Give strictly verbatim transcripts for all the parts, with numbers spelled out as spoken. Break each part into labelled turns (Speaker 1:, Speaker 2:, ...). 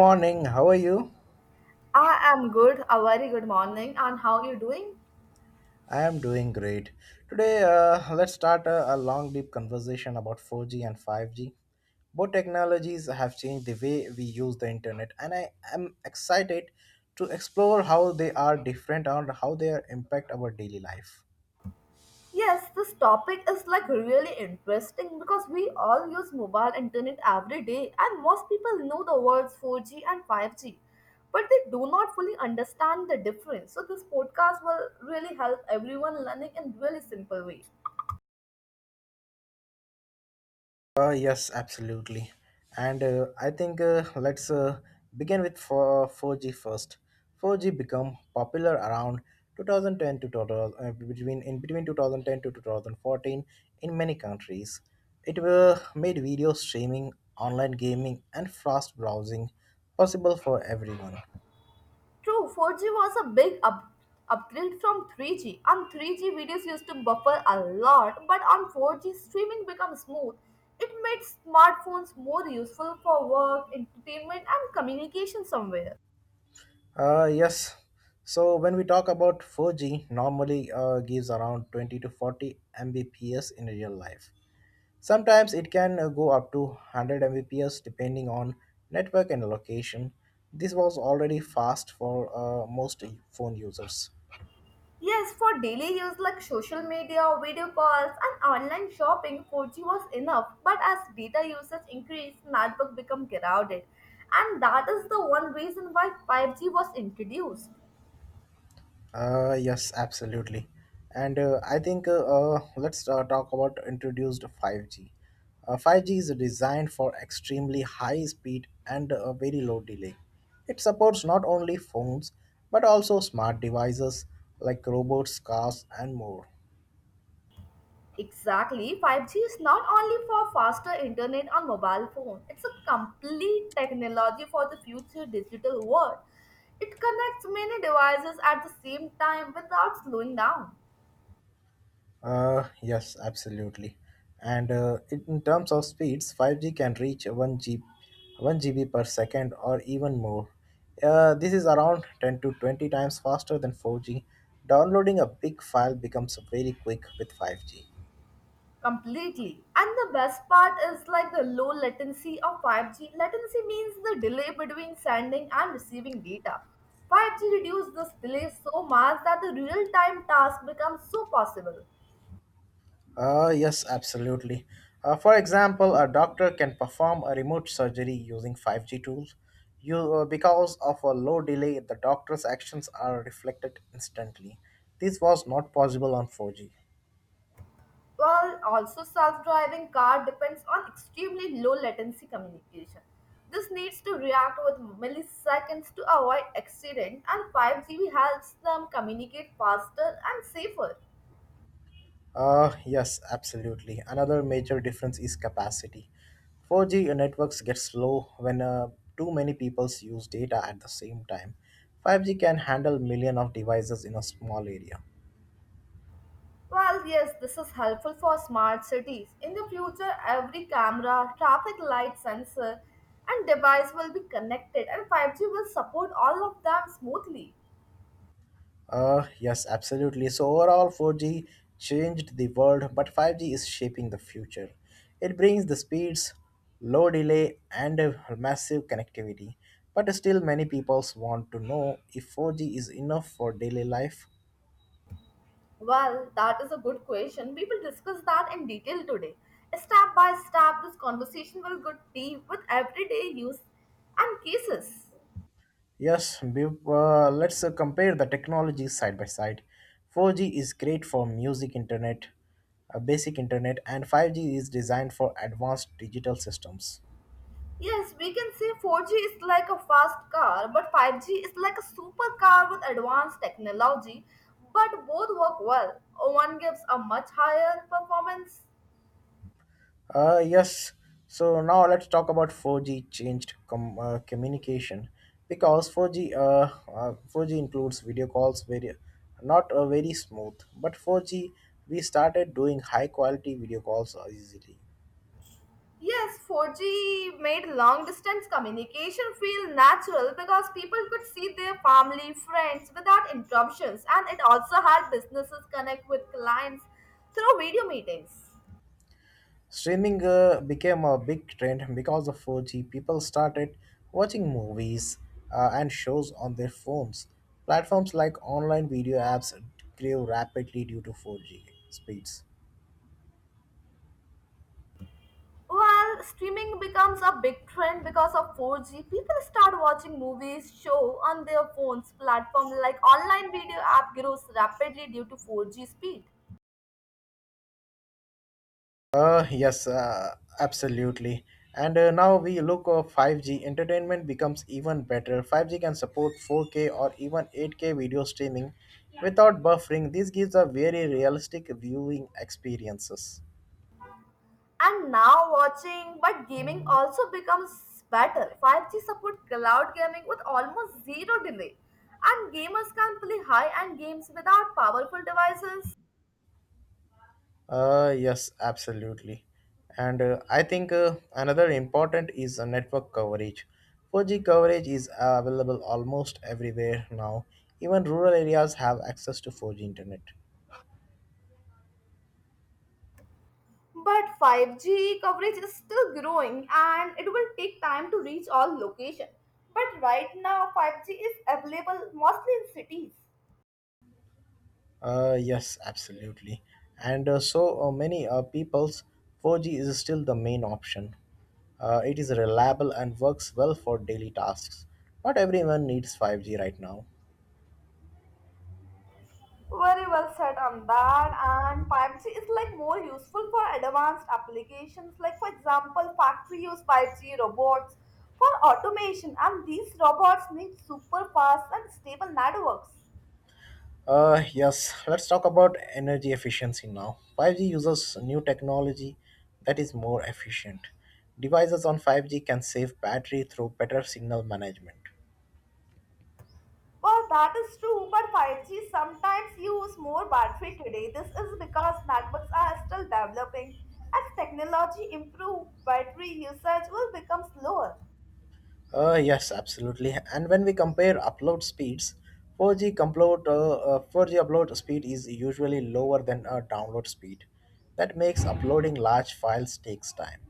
Speaker 1: Morning, how are you?
Speaker 2: I am good, a very good morning, and how are you doing?
Speaker 1: I am doing great. Today, uh, let's start a, a long, deep conversation about four G and five G. Both technologies have changed the way we use the internet, and I am excited to explore how they are different and how they are impact our daily life.
Speaker 2: Yes, this topic is like really interesting because we all use mobile internet every day, and most people know the words four G and five G, but they do not fully understand the difference. So, this podcast will really help everyone learning in really simple way.
Speaker 1: Uh, yes, absolutely. And uh, I think uh, let's uh, Begin with four four G first. four G become popular around two thousand ten to total, uh, between in between twenty ten to two thousand fourteen in many countries. It uh, made video streaming, online gaming, and fast browsing possible for everyone.
Speaker 2: True, four G was a big up- upgrade from three G. On three G, videos used to buffer a lot, but on four G, streaming becomes smooth. It made smartphones more useful for work, entertainment, and communication somewhere.
Speaker 1: Uh, yes. So when we talk about four G, normally uh, gives around twenty to forty Mbps in real life. Sometimes it can uh, go up to one hundred Mbps depending on network and location. This was already fast for uh, most phone users.
Speaker 2: Yes, for daily use like social media, video calls, and online shopping, four G was enough. But as data usage increased, network became crowded. And that is the one reason why five G was introduced.
Speaker 1: Uh, yes, absolutely. And uh, I think uh, uh, let's uh, Talk about introduced five G. Uh, five G is designed for extremely high speed and a very low delay. It supports not only phones but also smart devices like robots, cars, and more.
Speaker 2: Exactly. five G is not only for faster internet on mobile phone, it's a complete technology for the future digital world. It connects many devices at the same time without slowing down
Speaker 1: Uh, yes, absolutely. And uh, In in terms of speeds, five G can reach one G, one G B per second or even more. Uh, this is around ten to twenty times faster than four G. Downloading a big file becomes very quick with five G.
Speaker 2: completely. And the best part is like the low latency of five G. Latency means the delay between sending and receiving data. five G reduces this delay so much that the real-time task becomes so possible.
Speaker 1: Uh, yes, absolutely. Uh, for example, a doctor can perform a remote surgery using five G tools. You, uh, because of a low delay, the doctor's actions are reflected instantly. This was not possible on four G.
Speaker 2: While also self-driving car depends on extremely low latency communication. This needs to react with milliseconds to avoid accident and five G helps them communicate faster and safer.
Speaker 1: Uh, yes, absolutely. Another major difference is capacity. four G networks get slow when uh, too many people use data at the same time. five G can handle million of devices in a small area.
Speaker 2: Well, yes, this is helpful for smart cities. In the future, every camera, traffic light sensor and device will be connected and five G will support all of them smoothly.
Speaker 1: Uh, yes, absolutely. So overall, four G changed the world, but five G is shaping the future. It brings the speeds, low delay, and a massive connectivity. But still, many people want to know if four G is enough for daily life.
Speaker 2: Well, that is a good question. We will discuss that in detail today. Step by step, this conversation will go deep with everyday use and cases.
Speaker 1: Yes, be- uh, let's uh, compare the technologies side by side. four G is great for music internet, uh, basic internet, and five G is designed for advanced digital systems.
Speaker 2: Yes, we can say four G is like a fast car, but five G is like a supercar with advanced technology. But both work well. One gives a much higher performance.
Speaker 1: Uh, yes, so Now let's talk about four G changed com- uh, communication because four G, uh, uh, four G includes video calls, very, not uh, very smooth, but four G we started doing high quality video calls uh, easily.
Speaker 2: Yes, four G made long distance communication feel natural because people could see their family, friends without interruptions, and it also helped businesses connect with clients through video meetings.
Speaker 1: Streaming uh, became a big trend because of four G. People started watching movies uh, and shows on their phones. Platforms like online video apps grew rapidly due to four G speeds.
Speaker 2: While streaming becomes a big trend because of four G, people start watching movies, show on their phones. Platform like online video app grows rapidly due to four G speed.
Speaker 1: Uh, yes, uh, absolutely. And uh, now we look at five G. Entertainment becomes even better. five G can support four K or even eight K video streaming without buffering. This gives a very realistic viewing experiences.
Speaker 2: And now watching, but gaming also becomes better. five G support cloud gaming with almost zero delay. And gamers can play high-end games without powerful devices.
Speaker 1: Uh, yes, absolutely. And uh, I think uh, another important is uh, network coverage. four G coverage is uh, available almost everywhere now. Even rural areas have access to four G internet.
Speaker 2: But five G coverage is still growing and it will take time to reach all locations. But right now five G is available mostly in cities.
Speaker 1: Uh, yes, absolutely. And uh, so uh, Many uh, people's four G is still the main option. Uh, it is reliable and works well for daily tasks. Not everyone needs five G right now.
Speaker 2: Very well said on that. And five G is like more useful for advanced applications, like for example, factory use five G robots for automation, and these robots need super fast and stable networks.
Speaker 1: Uh, yes, let's talk about energy efficiency now. five G uses new technology that is more efficient. Devices on five G can save battery through better signal management.
Speaker 2: Well, that is true, but five G sometimes use more battery today. This is because networks are still developing. As technology improves, battery usage will become slower.
Speaker 1: Uh, yes, absolutely. And when we compare upload speeds, four G upload, uh, uh, four G upload speed is usually lower than uh, download speed. That makes uploading large files takes time.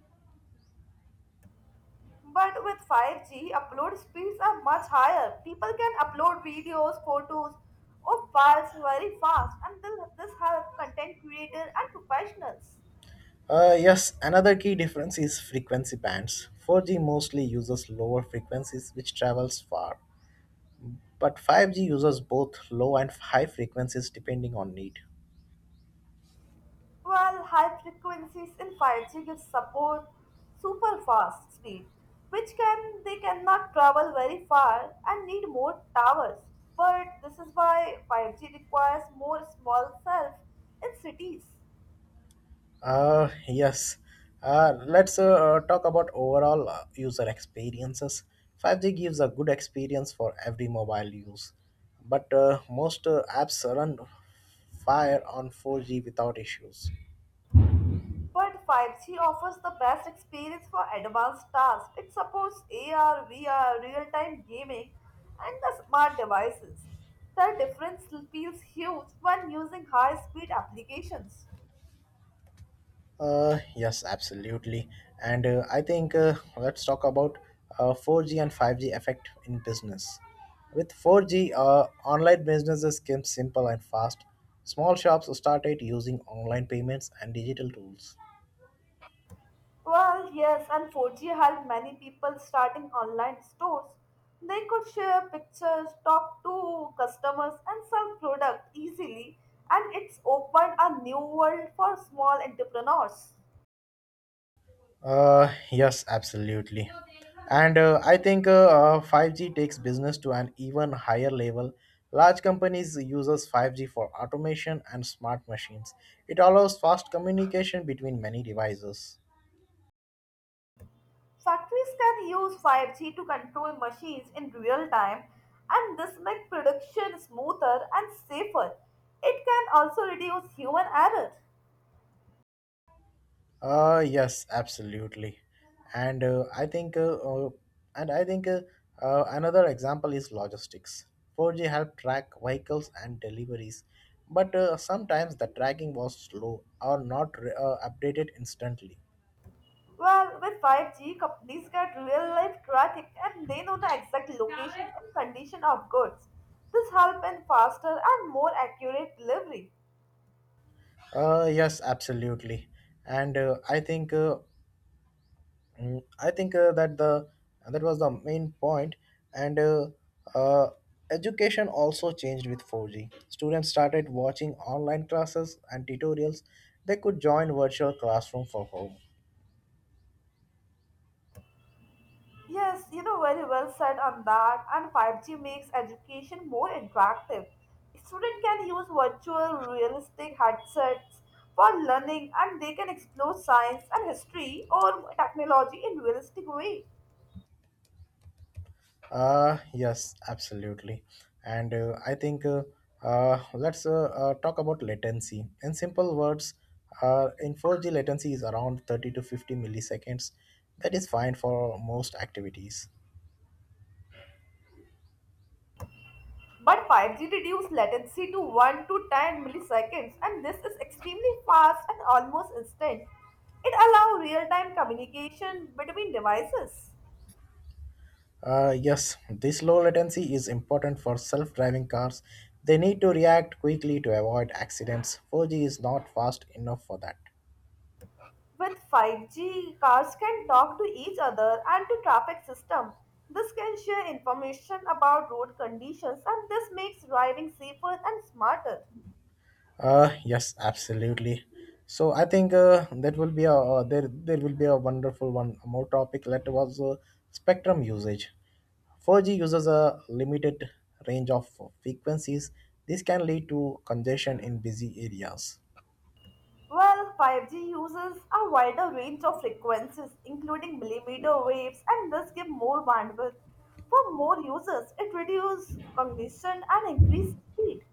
Speaker 2: But with five G, upload speeds are much higher. People can upload videos, photos, or files very fast, and this this helps content creators and professionals.
Speaker 1: Uh, yes, another key difference is frequency bands. four G mostly uses lower frequencies which travels far, but five G uses both low and high frequencies depending on need.
Speaker 2: While high frequencies in five G give support super fast speed, which can they cannot travel very far and need more towers. But this is why five G requires more small cells in cities.
Speaker 1: Uh, yes. Uh, let's uh, uh, talk about overall uh, user experiences. five G gives a good experience for every mobile use, but uh, most uh, apps run fire on four G without issues.
Speaker 2: But five G offers the best experience for advanced tasks. It supports A R, V R, real-time gaming, and the smart devices. The difference feels huge when using high-speed applications.
Speaker 1: Uh, yes, absolutely. And uh, I think uh, let's talk about uh, four G and five G effect in business. With four G, uh, online businesses came simple and fast. Small shops started using online payments and digital tools.
Speaker 2: Well, yes, and four G helped many people starting online stores. They could share pictures, talk to customers, and sell product easily, and it's opened a new world for small entrepreneurs.
Speaker 1: Uh, yes, absolutely. And uh, I think uh, uh, five G takes business to an even higher level. Large companies uses five G for automation and smart machines. It allows fast communication between many devices.
Speaker 2: Factories can use five G to control machines in real time, and this makes production smoother and safer. It can also reduce human error.
Speaker 1: Uh, yes, absolutely. And uh, I think, uh, uh, and I think uh, uh, another example is logistics. four G helped track vehicles and deliveries, but uh, sometimes the tracking was slow or not re- uh, updated instantly.
Speaker 2: Well, with five G, companies get real life traffic and they know the exact location and condition of goods. This helps in faster and more accurate delivery.
Speaker 1: Uh, yes, absolutely. And uh, I think uh, Mm, I think uh, that the that was the main point. And uh, uh, education also changed with four G. Students started watching online classes and tutorials. They could join virtual classroom for home.
Speaker 2: Yes, you know very well said on that. And five G makes education more interactive. Students can use virtual realistic headsets for learning and they can explore science and history or technology in realistic way.
Speaker 1: Uh, yes, absolutely. And uh, I think uh, uh, let's uh, uh, talk about latency. In simple words, uh, in four G latency is around thirty to fifty milliseconds. That is fine for most activities.
Speaker 2: But five G reduces latency to one to ten milliseconds and this is extremely fast and almost instant. It allows real-time communication between devices.
Speaker 1: Uh, yes, this low latency is important for self driving cars. They need to react quickly to avoid accidents. four G is not fast enough for that.
Speaker 2: With five G, cars can talk to each other and to traffic system. This can share information about road conditions and this makes driving safer and smarter.
Speaker 1: Uh, yes, absolutely. So I think uh, that will be a uh, there there will be a wonderful one more topic that was uh, spectrum usage. four G uses a limited range of frequencies. This can lead to congestion in busy areas.
Speaker 2: Well, five G uses a wider range of frequencies including millimeter waves and thus give more bandwidth for more users. It reduces congestion and increases speed.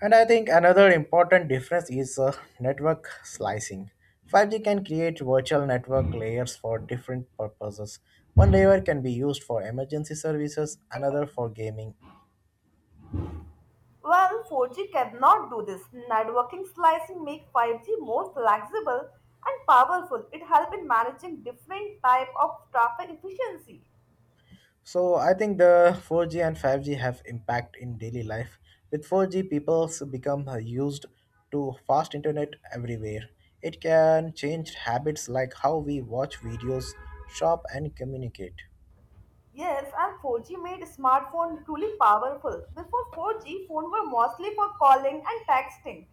Speaker 1: And I think another important difference is uh, network slicing. five G can create virtual network layers for different purposes. One layer can be used for emergency services, another for gaming.
Speaker 2: Well, four G cannot do this. Networking slicing make five G more flexible and powerful. It help in managing different type of traffic efficiency.
Speaker 1: So I think the four G and five G have impact in daily life. With four G, people become uh, used to fast internet everywhere. It can change habits like how we watch videos, shop, and communicate.
Speaker 2: Yes, and four G made smartphone truly powerful. Before four G, phone were mostly for calling and texting.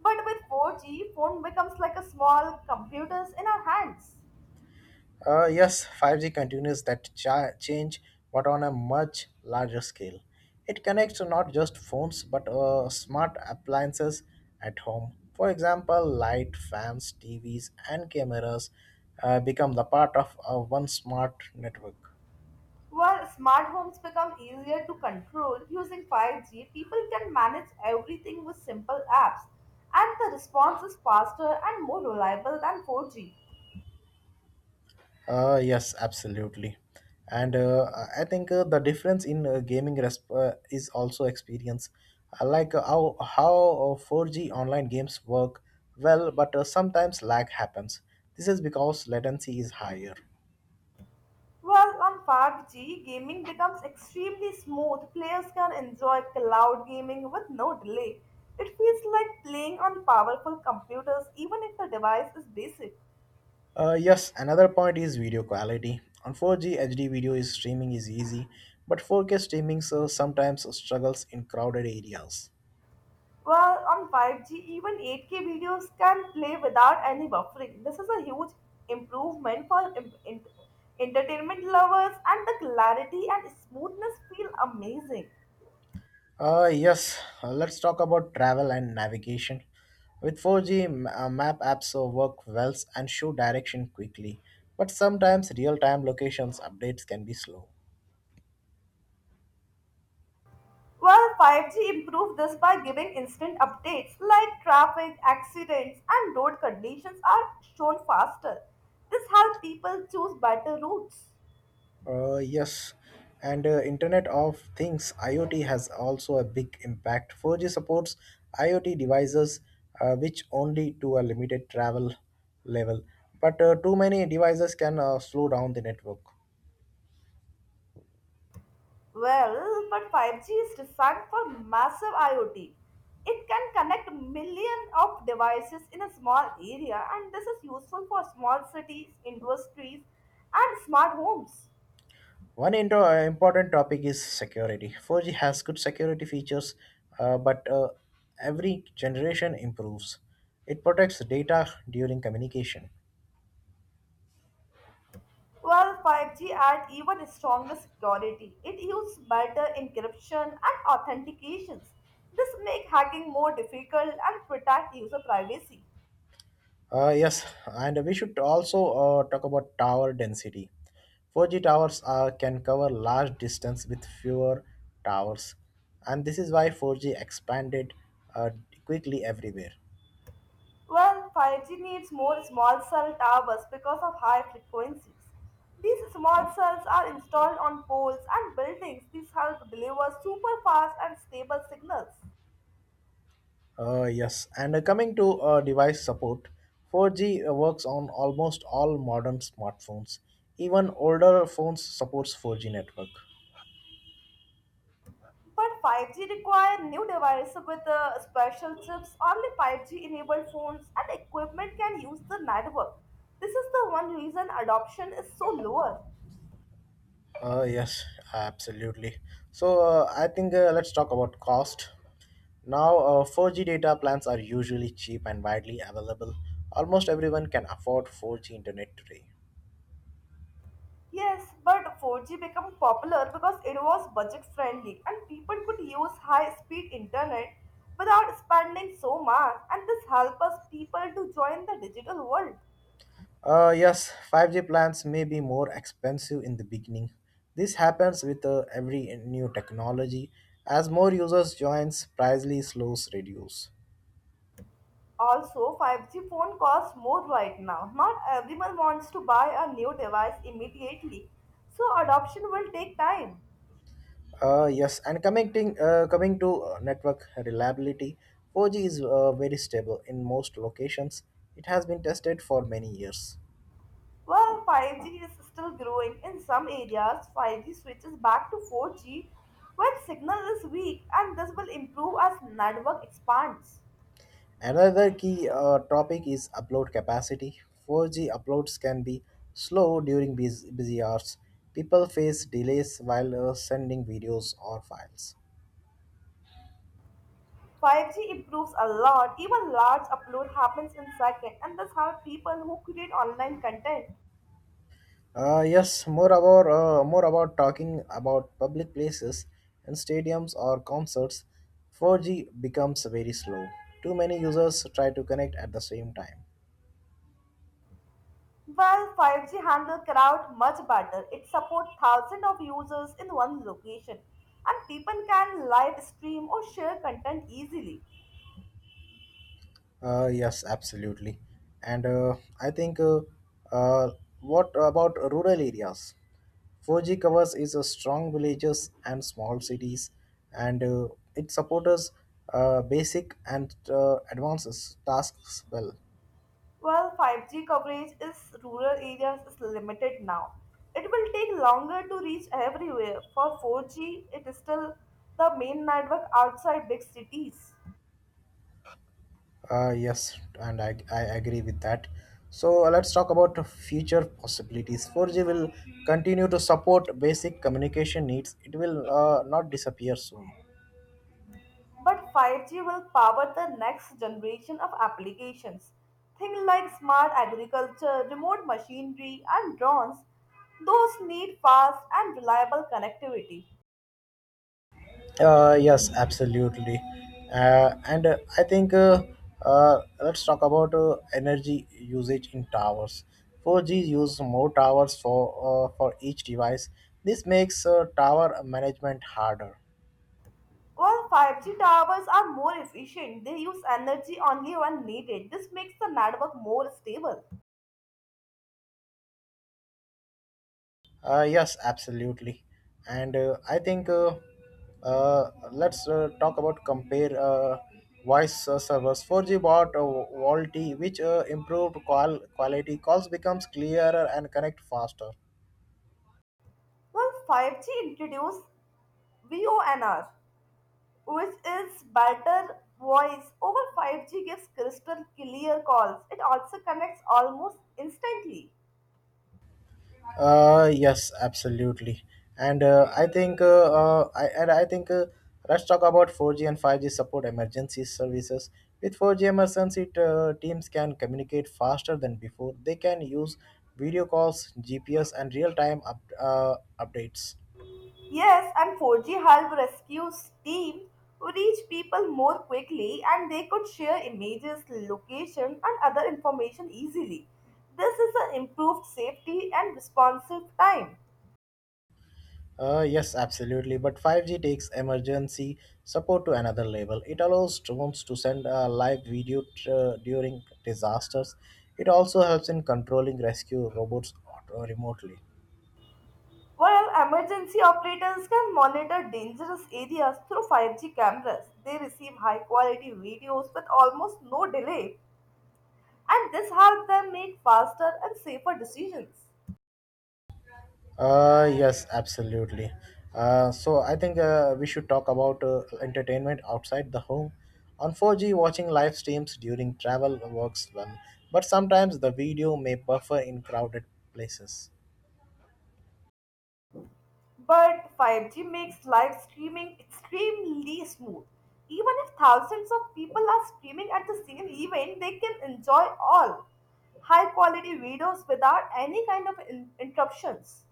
Speaker 2: But with four G, phone becomes like a small computers in our hands.
Speaker 1: Uh, yes, five G continues that cha- change, but on a much larger scale. It connects to not just phones but uh, smart appliances at home. For example, light, fans, T Vs, and cameras uh, become the part of uh, one smart network.
Speaker 2: While smart homes become easier to control using five G, people can manage everything with simple apps, and the response is faster and more reliable than four G.
Speaker 1: Uh, yes, absolutely. And uh, I I think uh, the difference in uh, gaming resp- uh, is also experience. I like uh, how how uh, four G online games work well, but uh, sometimes lag happens. This is because latency is higher.
Speaker 2: While on five G, gaming becomes extremely smooth. Players can enjoy cloud gaming with no delay. It feels like playing on powerful computers, even if the device is basic.
Speaker 1: Uh, yes, another point is video quality. On four G H D video is streaming is easy, but four K streaming so sometimes struggles in crowded areas.
Speaker 2: Well, on five G, even eight K videos can play without any buffering. This is a huge improvement for im- in- entertainment lovers, and the clarity and smoothness feel amazing.
Speaker 1: Uh, yes, uh, let's talk about travel and navigation. With four G, m- uh, map apps uh, work well and show direction quickly, but sometimes real time locations updates can be slow.
Speaker 2: Well, five G improved this by giving instant updates like traffic, accidents, and road conditions are shown faster. This helps people choose better routes.
Speaker 1: Uh, yes, and uh, Internet of Things IoT has also a big impact. four G supports IoT devices, uh, which only to a limited travel level, but uh, too many devices can uh, slow down the network.
Speaker 2: Well, but five G is designed for massive IoT. It can connect millions of devices in a small area, and this is useful for small cities, industries, and smart homes.
Speaker 1: One intro, uh, important topic is security. four G has good security features, uh, but uh, every generation improves. It protects data during communication.
Speaker 2: Well, five G adds even stronger security. It uses better encryption and authentications. This makes hacking more difficult and protect user privacy.
Speaker 1: Uh, yes, and we should also uh, Talk about tower density. four G towers uh, can cover large distance with fewer towers, and this is why four G expanded uh, quickly everywhere.
Speaker 2: Well, five G needs more small cell towers because of high frequencies. These small cells are installed on poles and buildings. These help deliver super fast and stable signals.
Speaker 1: Uh, yes, and uh, coming to uh, Device support: four G uh, works on almost all modern smartphones. Even older phones supports four G network.
Speaker 2: But five G require new devices with uh, special chips. Only five G enabled phones and equipment can use the network. This is the one reason adoption is so lower.
Speaker 1: Uh, yes, absolutely. So uh, I think uh, let's talk about cost. Now, uh, four G data plans are usually cheap and widely available. Almost everyone can afford four G internet today.
Speaker 2: Yes, but four G became popular because it was budget friendly and people could use high speed internet without spending so much and this helped us people to join the digital world.
Speaker 1: Uh, yes, five G plans may be more expensive in the beginning. This happens with uh, every new technology. As more users joins, price slows reduce.
Speaker 2: Also, five G phone costs more right now. Not everyone wants to buy a new device immediately, so adoption will take time.
Speaker 1: Uh, yes, and connecting, uh, coming to uh, Network reliability: four G is uh, very stable in most locations. It has been tested for many years.
Speaker 2: Well, five G is still growing. In some areas, five G switches back to four G when signal is weak, and this will improve as network expands.
Speaker 1: Another key uh, topic is upload capacity. four G uploads can be slow during bus- busy hours. People face delays while uh, sending videos or files.
Speaker 2: five G improves a lot. Even large upload happens in seconds, and this helps people who create online content.
Speaker 1: Uh, yes, more about uh, more about Talking about public places and stadiums or concerts: four G becomes very slow. Too many users try to connect at the same time.
Speaker 2: Well, five G handle crowd much better. It supports thousands of users in one location, and people can live stream or share content easily.
Speaker 1: Uh, yes, absolutely. And uh, I think uh, uh, what about rural areas? four G covers is a strong villages and small cities, and uh, it supports uh, basic and uh, advanced tasks well.
Speaker 2: Well, five G coverage in rural areas is limited now. It will take longer to reach everywhere. For four G, it is still the main network outside big cities.
Speaker 1: Uh, yes, and I, I agree with that. So uh, let's talk about future possibilities. four G will continue to support basic communication needs. It will uh, not disappear soon.
Speaker 2: But five G will power the next generation of applications. Things like smart agriculture, remote machinery, and drones. Those need fast and reliable connectivity.
Speaker 1: Uh, yes, absolutely. Uh, and uh, I think uh, uh, let's talk about uh, Energy usage in towers: four G use more towers for uh, for each device. This makes uh, tower management harder.
Speaker 2: While five G towers are more efficient, they use energy only when needed. This makes the network more stable.
Speaker 1: Uh, yes, absolutely. And uh, I think uh, uh, let's uh, talk about compare uh, Voice uh, servers: four G bought uh, VoLTE, which uh, improved qual- quality. Calls becomes clearer and connect faster.
Speaker 2: Well, five G introduced VoNR, which is better voice over five G gives crystal clear calls. It also connects almost instantly.
Speaker 1: Uh, yes, absolutely. And uh, I think, uh, uh, I, and I think, uh, let's talk about four G and five G support emergency services. With four G emergency uh, teams can communicate faster than before. They can use video calls, G P S, and real-time up, uh, updates.
Speaker 2: Yes, and four G helped rescue team reach people more quickly and they could share images, location and other information easily. This is an improved safety and responsive time.
Speaker 1: Uh, yes, absolutely. But five G takes emergency support to another level. It allows drones to send a live video tr- uh, during disasters. It also helps in controlling rescue robots auto- remotely.
Speaker 2: While emergency operators can monitor dangerous areas through five G cameras, they receive high quality videos with almost no delay, and this helps them make faster and safer decisions.
Speaker 1: Uh, yes, absolutely. Uh, so I think uh, we should talk about uh, entertainment outside the home. On four G, watching live streams during travel works well, but sometimes the video may buffer in crowded places.
Speaker 2: But five G makes live streaming extremely smooth. Even if thousands of people are streaming at the same event, they can enjoy all high quality videos without any kind of in- interruptions.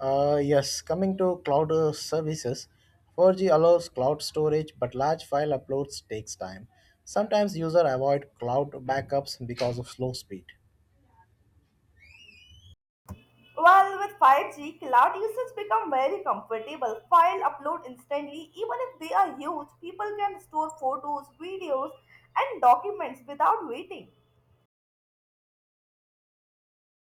Speaker 1: Uh, yes, coming to cloud uh, services, four G allows cloud storage, but large file uploads takes time. Sometimes users avoid cloud backups because of slow speed.
Speaker 2: Well, with five G, cloud usage become very comfortable. File upload instantly. Even if they are huge, people can store photos, videos, and documents without waiting.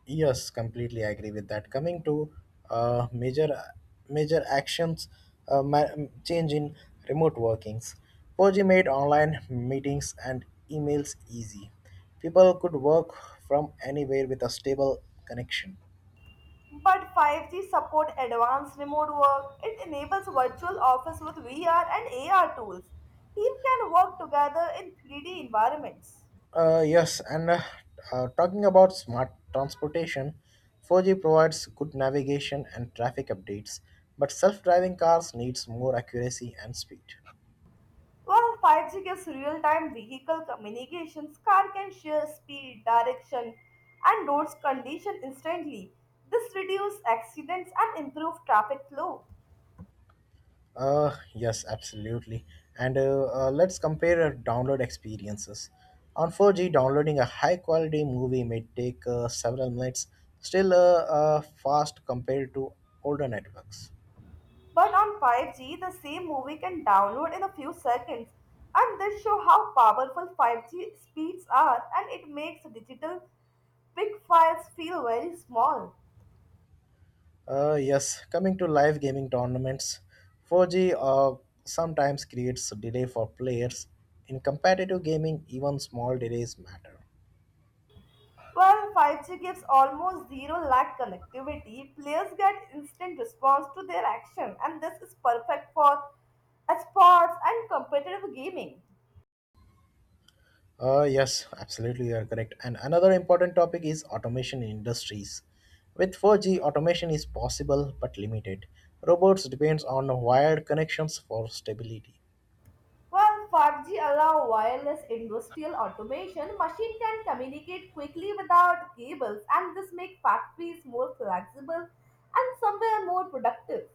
Speaker 1: Yes, completely agree with that. Coming to uh, major major actions, uh, ma- change in remote workings. four G made online meetings and emails easy. People could work from anywhere with a stable connection.
Speaker 2: But five G support advanced remote work. It enables virtual office with V R and A R tools. Team can work together in three D environments.
Speaker 1: Uh, yes, and uh, uh, talking about smart transportation, four G provides good navigation and traffic updates, but self-driving cars needs more accuracy and speed.
Speaker 2: While five G gives real-time vehicle communications, car can share speed, direction, and roads condition instantly. This reduces accidents and improves traffic flow.
Speaker 1: Uh, yes, absolutely. And uh, uh, let's compare uh, download experiences. On four G, downloading a high-quality movie may take uh, several minutes, still uh, uh, fast compared to older networks.
Speaker 2: But on five G, the same movie can download in a few seconds, and this show how powerful five G speeds are, and it makes digital big files feel very small.
Speaker 1: Uh, yes, coming to live gaming tournaments, four G uh, sometimes creates delay for players. In competitive gaming, even small delays matter.
Speaker 2: While five G gives almost zero lag connectivity, players get instant response to their action, and this is perfect for sports and competitive gaming.
Speaker 1: Uh, yes, absolutely, you are correct. And another important topic is automation in industries. With four G, automation is possible but limited. Robots depends on wired connections for stability.
Speaker 2: While five G allow wireless industrial automation, machine can communicate quickly without cables, and this makes factories more flexible and somewhere more productive.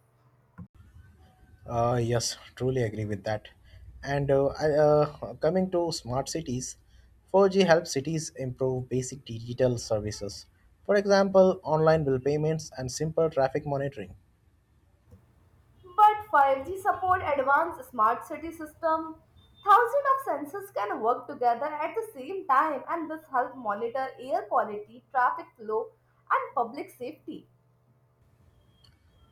Speaker 1: Uh, yes, truly agree with that. And uh, I, uh, coming to smart cities, four G helps cities improve basic digital services. For example, online bill payments and simple traffic monitoring.
Speaker 2: But five G support advanced smart city system. Thousands of sensors can work together at the same time and this help monitor air quality, traffic flow and public safety.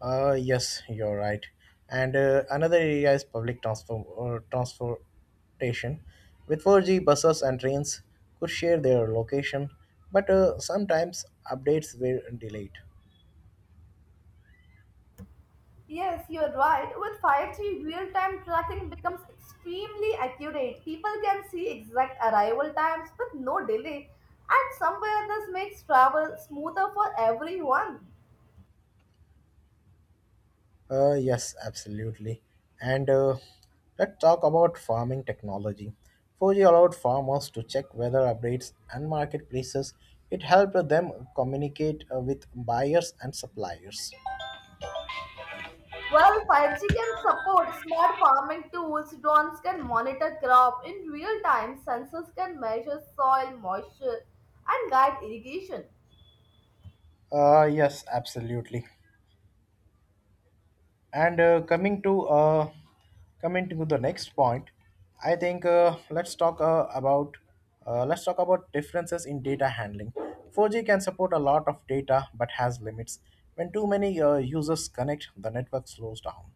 Speaker 1: Uh, yes, you're right. And uh, another area is public transfer, uh, transportation. With four G, buses and trains could share their location, but uh, sometimes updates were delayed.
Speaker 2: Yes, you're right. With five G, real-time tracking becomes extremely accurate. People can see exact arrival times with no delay and somewhere this makes travel smoother for everyone.
Speaker 1: Uh, yes, absolutely. And uh, let's talk about farming technology. four G allowed farmers to check weather updates and marketplaces. It helped them communicate uh, with buyers and suppliers.
Speaker 2: Well, five G can support smart farming tools, drones can monitor crop in real time, sensors can measure soil moisture and guide irrigation.
Speaker 1: Uh, yes, absolutely. And uh, coming to uh, coming to the next point, I think uh, let's talk uh, about uh, let's talk about differences in data handling. four G can support a lot of data but has limits. When too many uh, users connect, the network slows down.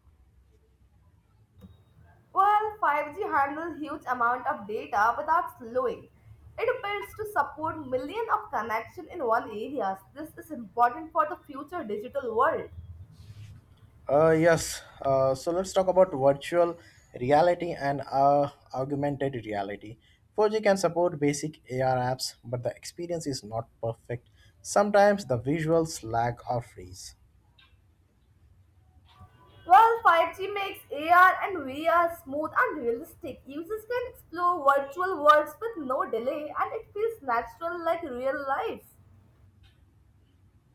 Speaker 2: Well, five G handles huge amount of data without slowing. It builds to support million of connection in one areas. This is important for the future digital world.
Speaker 1: Uh, yes, uh, so let's talk about virtual reality and uh, augmented reality. four G can support basic A R apps, but the experience is not perfect. Sometimes the visuals lag or freeze.
Speaker 2: Well, five G makes A R and V R smooth and realistic. Users can explore virtual worlds with no delay and it feels natural like real life.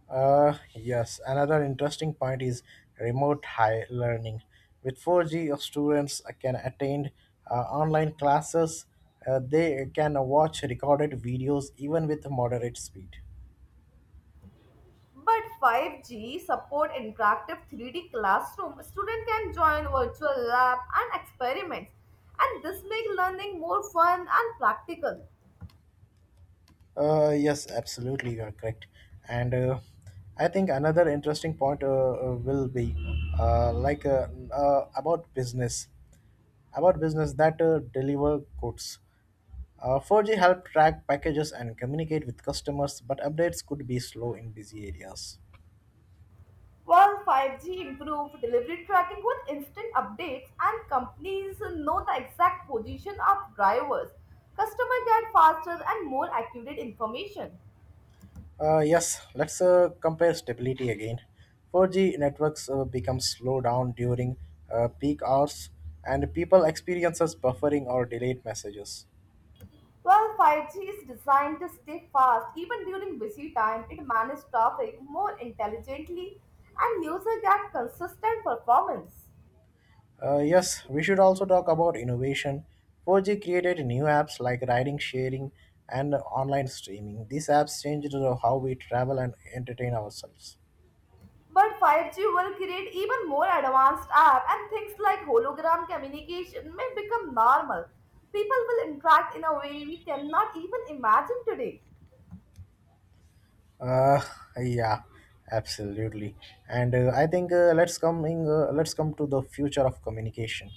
Speaker 1: Uh, yes, another interesting point is remote high learning. With four G, your students can attend uh, online classes. Uh, they can watch recorded videos even with moderate speed.
Speaker 2: But five G support interactive three D classroom. Student can join virtual lab and experiments and this make learning more fun and practical.
Speaker 1: Uh, yes, absolutely, you are correct. And uh, I think another interesting point uh, uh, will be uh, like uh, uh, about business, about business that uh, deliver goods. Uh, four G helped track packages and communicate with customers, but updates could be slow in busy areas.
Speaker 2: Well, five G improved delivery tracking with instant updates, and companies know the exact position of drivers. Customers get faster and more accurate information.
Speaker 1: Uh, yes, let's uh, compare stability again. four G networks uh, become slow down during uh, peak hours, and people experiences buffering or delayed messages.
Speaker 2: Well, five G is designed to stay fast even during busy time. It manages traffic more intelligently, and users get consistent performance.
Speaker 1: Uh, yes, we should also talk about innovation. four G created new apps like riding sharing and online streaming. These apps changed uh, how we travel and entertain ourselves.
Speaker 2: But five G will create even more advanced app and things like hologram communication may become normal. People will interact in a way we cannot even imagine today.
Speaker 1: Uh, yeah, absolutely. And uh, I think uh, let's coming uh, let's come to the future of communication.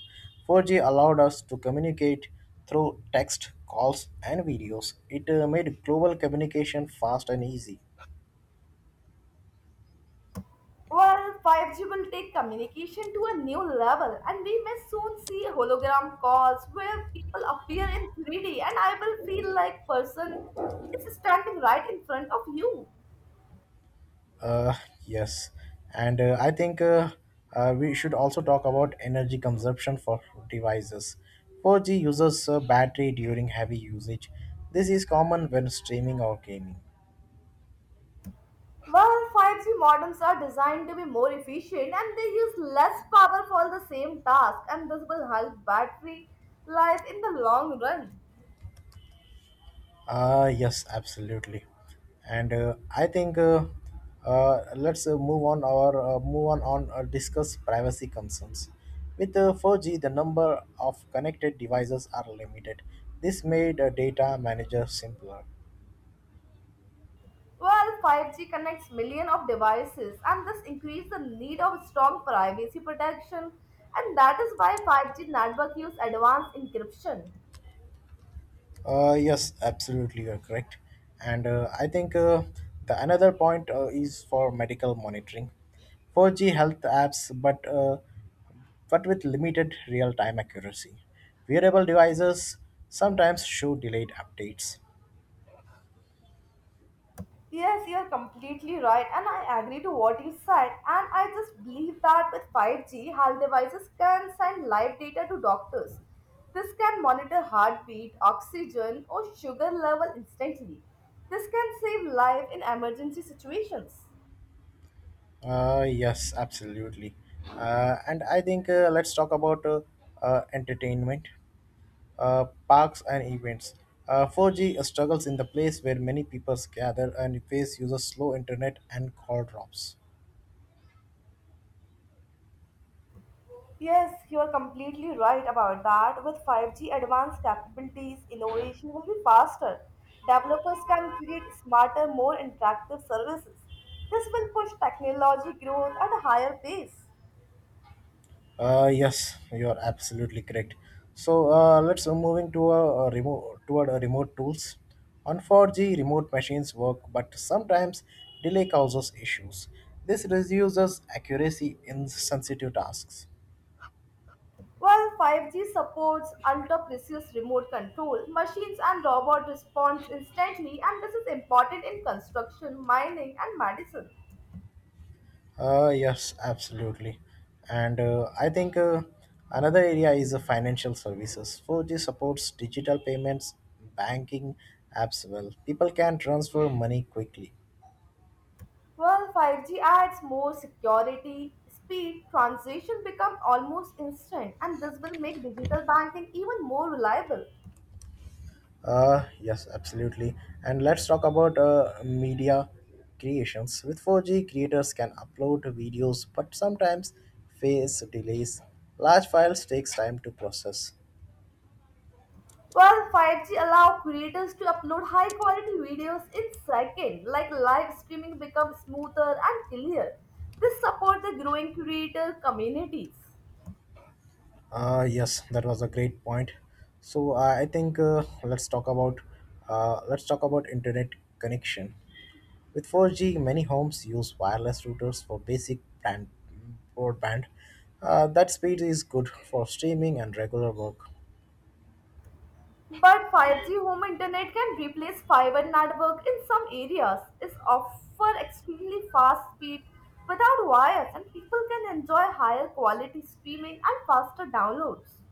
Speaker 1: four G allowed us to communicate through text, calls, and videos. It uh, made global communication fast and easy.
Speaker 2: Well, five G will take communication to a new level and we may soon see hologram calls where people appear in three D and I will feel like person is standing right in front of you.
Speaker 1: Uh, yes, and uh, I think uh, uh, we should also talk about energy consumption for devices. four G uses uh, battery during heavy usage. This is common when streaming or gaming.
Speaker 2: Well, five G modems are designed to be more efficient and they use less power for the same task, and this will help battery life in the long run.
Speaker 1: Uh, yes, absolutely. And uh, I think uh, uh, let's uh, move on or uh, move on on uh, discuss privacy concerns. With uh, four G, the number of connected devices are limited. This made uh, data manager simpler.
Speaker 2: Well, five G connects millions of devices, and this increases the need of strong privacy protection, and that is why five G network use advanced encryption.
Speaker 1: Uh, yes, absolutely, you're correct. And uh, I think uh, the another point uh, is for medical monitoring. four G health apps, but uh, but with limited real-time accuracy. Wearable devices sometimes show delayed updates.
Speaker 2: Yes, you're completely right, and I agree to what you said. And I just believe that with five G, health devices can send live data to doctors. This can monitor heartbeat, oxygen, or sugar level instantly. This can save life in emergency situations.
Speaker 1: Uh, yes, absolutely. Uh, and I think uh, let's talk about uh, uh, entertainment. uh, parks, and events. Uh, four G struggles in the place where many people gather and face uses slow internet and call drops.
Speaker 2: Yes, you are completely right about that. With five G advanced capabilities, innovation will be faster. Developers can create smarter, more interactive services. This will push technology growth at a higher pace.
Speaker 1: Uh, yes, you are absolutely correct. So uh, let's uh, moving to a, a remote toward a remote tools. On four G, remote machines work, but sometimes delay causes issues. This reduces accuracy in sensitive tasks.
Speaker 2: While five G supports ultra-precise remote control, machines and robots respond instantly, and this is important in construction, mining, and medicine.
Speaker 1: Uh, yes, absolutely. And uh, I think uh, another area is uh, financial services. four G supports digital payments, banking apps well. People can transfer money quickly.
Speaker 2: Well, five G adds more security, speed, transition become almost instant, and this will make digital banking even more reliable.
Speaker 1: Uh, yes, absolutely. And let's talk about uh, media creations. With four G, creators can upload videos, but sometimes face delays. Large files takes time to process.
Speaker 2: Well, five G allow creators to upload high quality videos in seconds, like live streaming becomes smoother and clear. This support the growing creator communities.
Speaker 1: Uh, yes, that was a great point. So uh, I think uh, let's talk about uh, let's talk about internet connection. With four G, many homes use wireless routers for basic brand, broadband. Uh, that speed is good for streaming and regular work.
Speaker 2: But five G home internet can replace fiber network in some areas. It offers extremely fast speed without wires and people can enjoy higher quality streaming and faster downloads.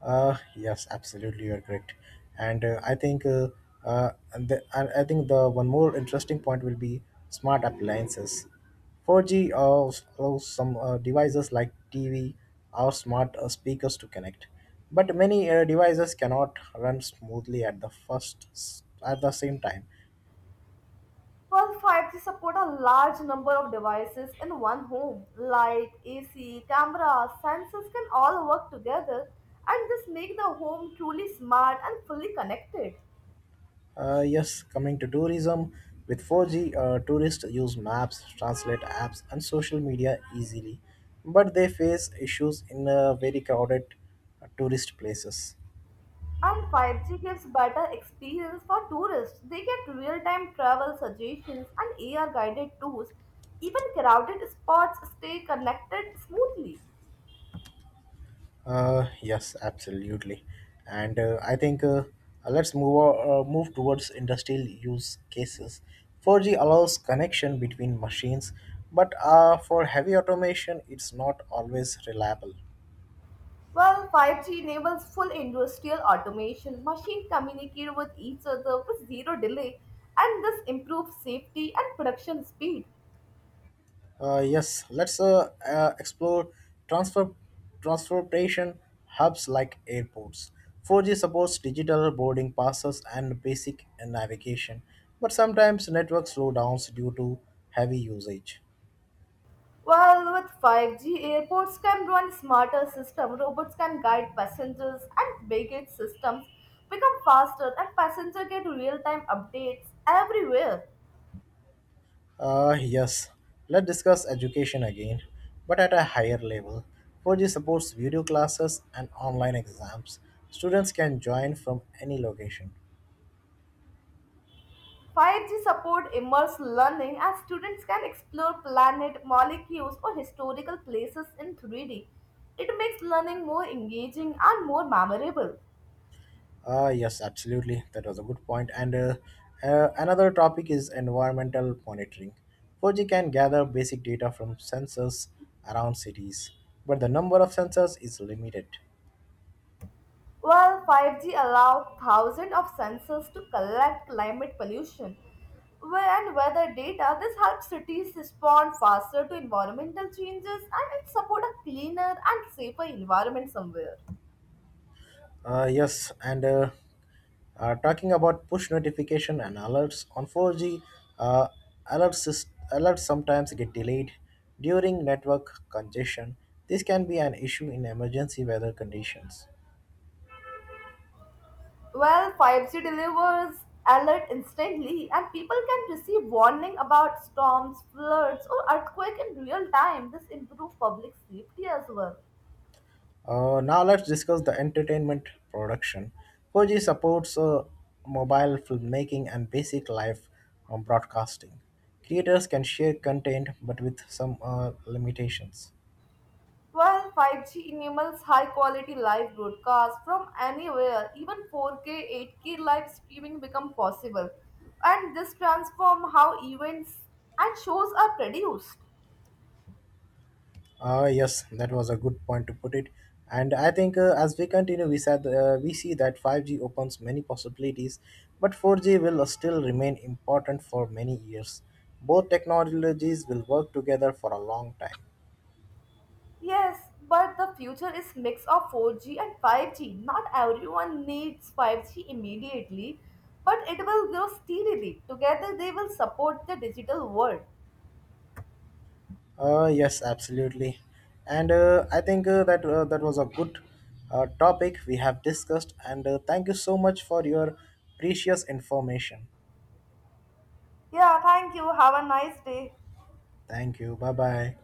Speaker 1: Uh, yes, absolutely, you're correct. And uh, I think uh, uh, and the, and I think the one more interesting point will be smart appliances. four G allows, allows some uh, devices like T V or smart uh, speakers to connect, but many uh, devices cannot run smoothly at the first s- at the same time.
Speaker 2: Well, five G support a large number of devices in one home. Light, A C, camera, sensors can all work together and this make the home truly smart and fully connected.
Speaker 1: Uh, yes, coming to tourism, with four G, uh, tourists use maps, translate apps, and social media easily, but they face issues in uh, very crowded uh, tourist places.
Speaker 2: And five G gives better experience for tourists. They get real-time travel suggestions and A R-guided tours. Even crowded spots stay connected smoothly.
Speaker 1: Uh, yes, absolutely, and uh, I think uh, uh, let's move o- uh, move towards industrial use cases. four G allows connection between machines, but uh, for heavy automation, it's not always reliable.
Speaker 2: Well, five G enables full industrial automation. Machines communicate with each other with zero delay, and this improves safety and production speed.
Speaker 1: Uh, yes, let's uh, uh, explore transfer transportation hubs like airports. four G supports digital boarding passes and basic navigation, but sometimes network slowdowns due to heavy usage.
Speaker 2: Well, with five G, airports can run smarter systems, robots can guide passengers, and baggage systems become faster, and passengers get real-time updates everywhere.
Speaker 1: Uh, yes, let's discuss education again, but at a higher level. four G supports video classes and online exams. Students can join from any location.
Speaker 2: five G support immersive learning as students can explore planet, molecules, or historical places in three D. It makes learning more engaging and more memorable.
Speaker 1: Ah, yes, absolutely. That was a good point. And uh, uh, another topic is environmental monitoring. four G can gather basic data from sensors around cities, but the number of sensors is limited.
Speaker 2: While five G allows thousands of sensors to collect climate pollution where- and weather data. This helps cities respond faster to environmental changes and it support a cleaner and safer environment somewhere.
Speaker 1: Uh, yes, and uh, uh, talking about push notification and alerts on four G, uh, alerts, is- alerts sometimes get delayed during network congestion. This can be an issue in emergency weather conditions.
Speaker 2: Well, five G delivers alert instantly and people can receive warning about storms, floods or earthquake in real time. This improves public safety as well.
Speaker 1: Uh, now let's discuss the entertainment production. four G supports uh, mobile filmmaking and basic live um, broadcasting. Creators can share content, but with some uh, limitations.
Speaker 2: Well, five G enables high quality live broadcasts from anywhere. Even four K, eight K live streaming become possible. And this transform how events and shows are produced.
Speaker 1: Uh, yes, that was a good point to put it. And I think uh, as we continue, we said uh, we see that five G opens many possibilities, but four G will still remain important for many years. Both technologies will work together for a long time.
Speaker 2: Yes, but the future is mix of four G and five G. Not everyone needs five G immediately, but it will grow steadily. Together they will support the digital world.
Speaker 1: Uh, yes, absolutely. And uh, I think uh, that uh, that was a good uh, topic we have discussed. And uh, thank you so much for your precious information.
Speaker 2: Yeah, thank you. Have a nice day.
Speaker 1: Thank you. Bye bye.